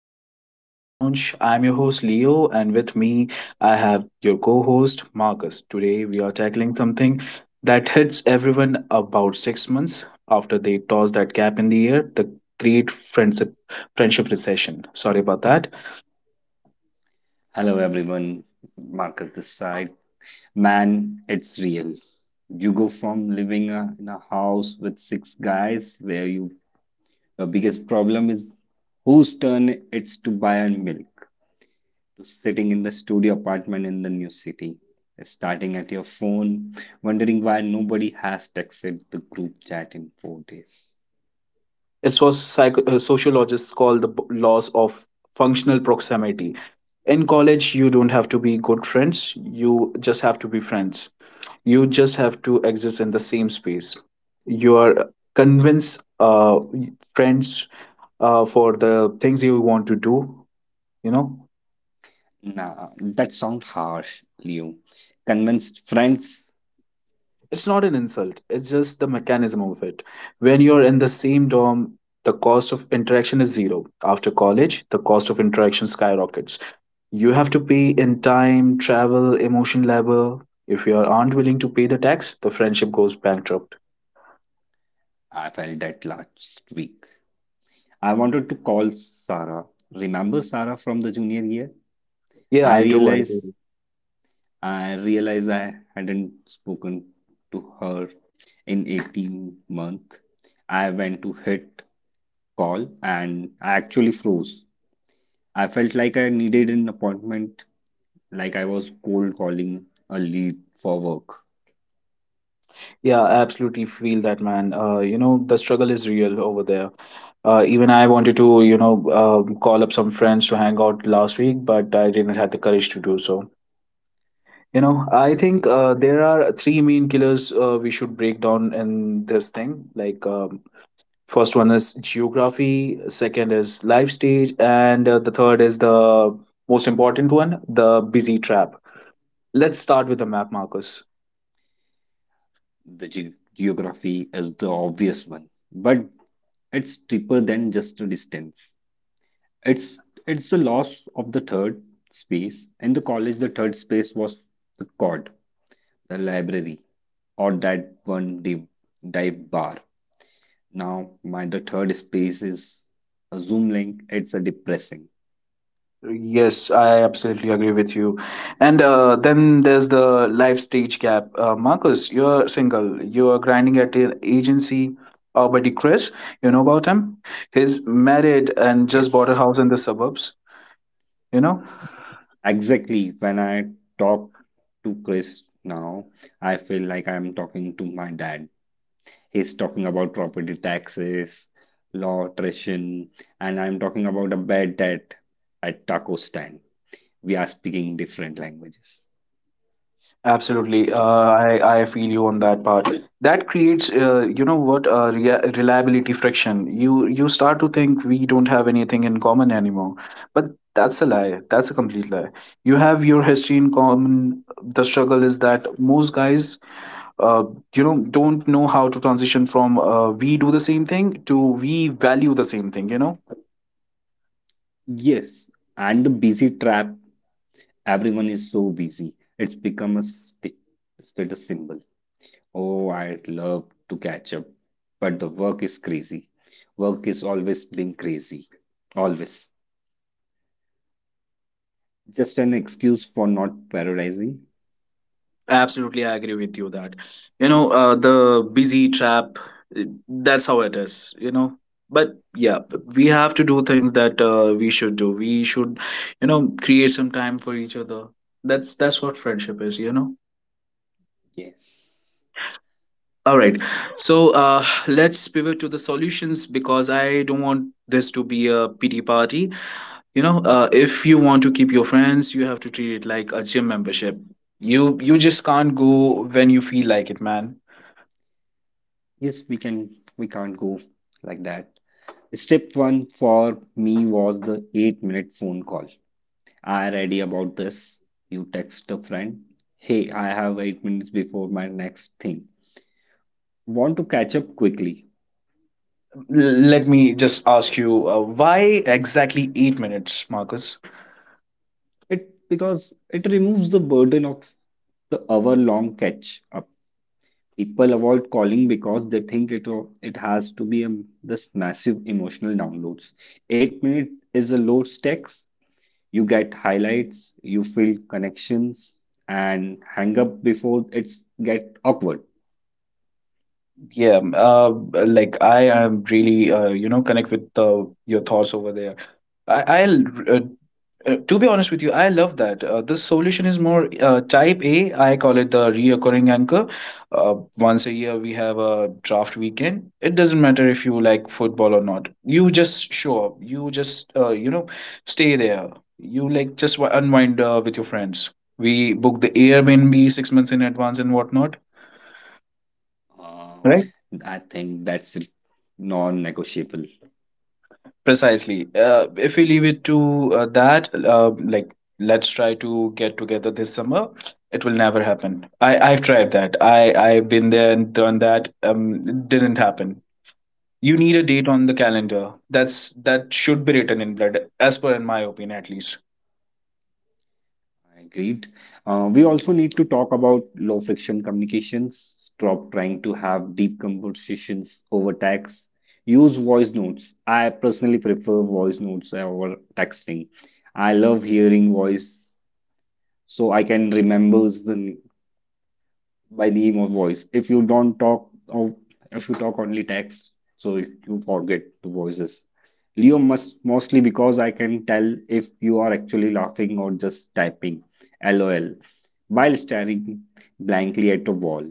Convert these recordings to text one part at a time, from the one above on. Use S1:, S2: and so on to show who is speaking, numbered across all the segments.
S1: to the Departure Lounge. I'm your host Leo, and with me, I have your co host Marcus. Today, we are tackling something that hits everyone about 6 months after they toss that cap in the air the great friendship recession. Sorry about that.
S2: Hello everyone, Marcus this side. Man, it's real. You go from living in a house with six guys where your biggest problem is whose turn it's to buy and milk, to sitting in the studio apartment in the new city, starting at your phone, wondering why nobody has texted the group chat in four days.
S1: It's what sociologists call the laws of functional proximity. In college, you don't have to be good friends, you just have to be friends. You just have to exist in the same space. You are convince friends for the things you want to do, you know.
S2: Nah, that sounds harsh, Leo. Convinced friends,
S1: It's not an insult, it's just the mechanism of it. When you're in the same dorm, the cost of interaction is zero. After college, the cost of interaction skyrockets. You have to pay in time, travel, emotion labor. If you aren't willing to pay the tax, the friendship goes bankrupt.
S2: I felt that last week. I wanted to call Sarah. Remember Sarah from the junior year?
S1: Yeah,
S2: I
S1: I do. I do.
S2: realized I realized I hadn't spoken to her in 18 months. I went to hit call and I actually froze. I felt like I needed an appointment, like I was cold calling a lead for work.
S1: Yeah, I absolutely feel that, man. You know, the struggle is real over there. Even I wanted to, call up some friends to hang out last week, but I didn't have the courage to do so. You know, I think
S2: Exactly.
S1: there are three main killers we should break down in this thing. Like, um First one is geography, second is life stage, and the third is the most important one, the busy trap. Let's start with the map, Marcus.
S2: The geography is the obvious one, but it's deeper than just a distance. It's it's the loss of the third space. In the college, the third space was the court, the library, or that one dive bar. Now my the third space is a Zoom link. It's a depressing.
S1: Yes, I absolutely agree with you. And then there's the life stage gap. Marcus, you're single. You are grinding at an agency. Our buddy Chris, you know about him? He's married and just bought a
S2: Yes,
S1: house in the suburbs. You know,
S2: exactly. When I talk to Chris now, I feel like I'm talking to my dad. He's talking about property taxes, law, tuition, and I'm talking about a bad debt at taco stand. We are speaking different languages.
S1: absolutely. Uh,
S2: Still.
S1: I, I feel you on that part. That creates, you know what, rea reliability friction. You start to think we don't have anything in common anymore. But that's a lie. That's a complete lie. You have your history in common. The struggle is that most guys uh, you know don't know how to transition from we do the same thing to we value the same thing, you know.
S2: Yes, and the busy trap, everyone is so busy. It's become a status symbol. Oh, I'd love to catch up, but the work is crazy. Work is always being crazy. Always. Just an excuse for not prioritizing.
S1: Absolutely, I agree with you that you know the busy trap. That's how it is, you know. But yeah, we have to do things that we should do. We should, you know, create some time for each other. That's what friendship is, you know.
S2: Yes.
S1: All right, so let's pivot to the solutions because I don't want this to be a pity party. You know, if you want to keep your friends, you have to treat it like a gym membership. You just can't go when you feel like it, man.
S2: Yes, we can't go like that. Step one for me was the 8-minute phone call. I ready about this. You text a friend. Hey, I have 8 minutes before my next thing. Want to catch up quickly.
S1: Let me just ask you, why exactly 8 minutes, Marcus?
S2: It because it removes the burden of the hour-long catch up. People avoid calling because they think it has to be this massive emotional downloads. 8 minute is a low stakes. You get highlights, you feel connections, and hang up before it's get awkward.
S1: Yeah, like I am really, you know, connect with your thoughts over there. I'll, uh, to be honest with you, I love that. This solution is more type A. I call it the reoccurring anchor. Once a year, we have a draft weekend. It doesn't matter if you like football or not. You just show up. You just, you know, stay there. You like just unwind with your friends. We book the Airbnb 6 months in advance and whatnot.
S2: Uh, I think that's non-negotiable.
S1: Precisely. If we leave it to that, let's try to get together this summer, it will never happen. I've tried that. I've been there and done that. It didn't happen. You need a date on the calendar. That should be written in blood, as per in my opinion, at least.
S2: I agreed. We also need to talk about low friction communications. Stop trying to have deep conversations over text. Use voice notes. I personally prefer voice notes over texting. I love hearing voice so I can remember the by the emo voice. If you don't talk, or if you talk only text, so if you forget the voices. Leo must mostly because I can tell if you are actually laughing or just typing LOL while staring blankly at a wall.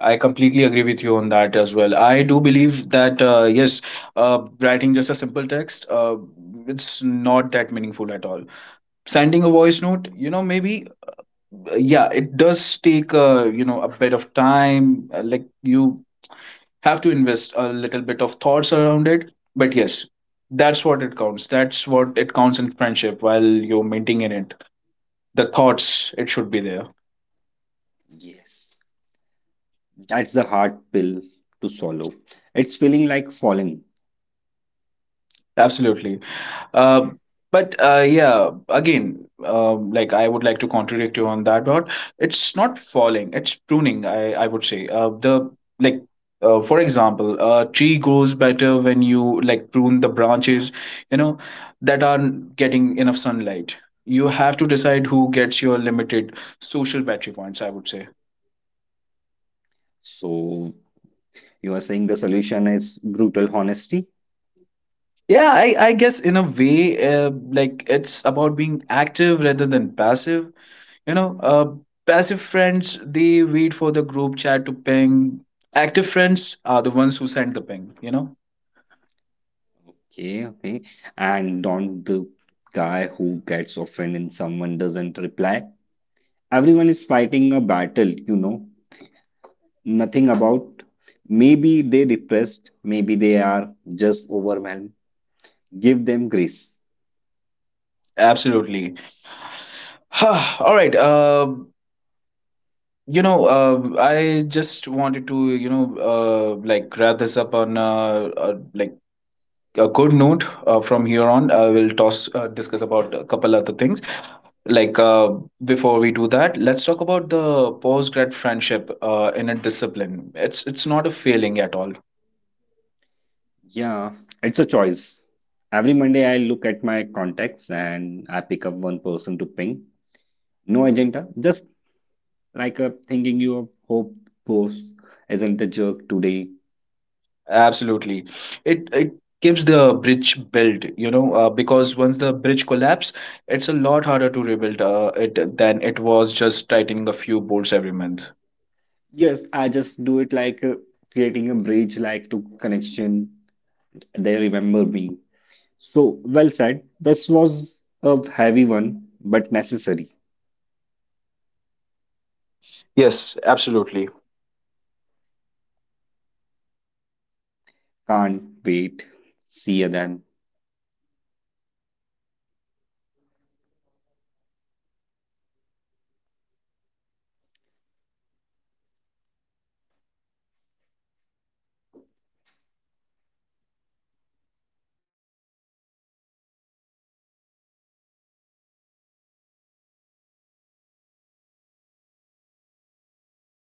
S1: I completely agree with you on that as well. I do believe that yes, writing just a simple text, it's not that meaningful at all. Sending a voice note, you know, maybe yeah it does take you know a bit of time like you have to invest a little bit of thoughts around it, but yes, that's what it counts, that's what it counts in friendship while you're maintaining it, the thoughts it should be there.
S2: Yes, that's the hard pill to swallow. It's feeling like falling.
S1: Absolutely. Uh, but again, like I would like to contradict you on that dot. It's not falling; it's pruning. I would say the like. For example, a tree grows better when you like prune the branches, you know, that aren't getting enough sunlight. You have to decide who gets your limited social battery points. I would say.
S2: So, you are saying the solution is brutal honesty?
S1: Yeah, I guess in a way, it's about being active rather than passive. You know, passive friends, they wait for the group chat to ping. Active friends are the ones who send the ping, you know?
S2: Okay, okay. And don't the guy who gets offended and someone doesn't reply. Everyone is fighting a battle, you know. Nothing about. Maybe they depressed, maybe they are just overwhelmed. Give them grace.
S1: Absolutely. All right. You know, I just wanted to, wrap this up on a good note. From here on, we'll toss discuss about a couple other things. Like uh, Before we do that, let's talk about the post grad friendship in a discipline. It's not a failing at all.
S2: Yeah, it's a choice. Every Monday I look at my contacts and I pick up one person to ping. No agenda, just like a thinking you of hope post isn't a jerk today.
S1: Absolutely. It keeps the bridge built, you know, because
S2: Yes.
S1: once the bridge collapse, it's a lot harder to rebuild it than it was just tightening a few bolts every month.
S2: Yes, I just do it like creating a bridge, like to connection. They remember me. So well said. This was a heavy one, but necessary.
S1: Yes, absolutely.
S2: Can't wait. See you then.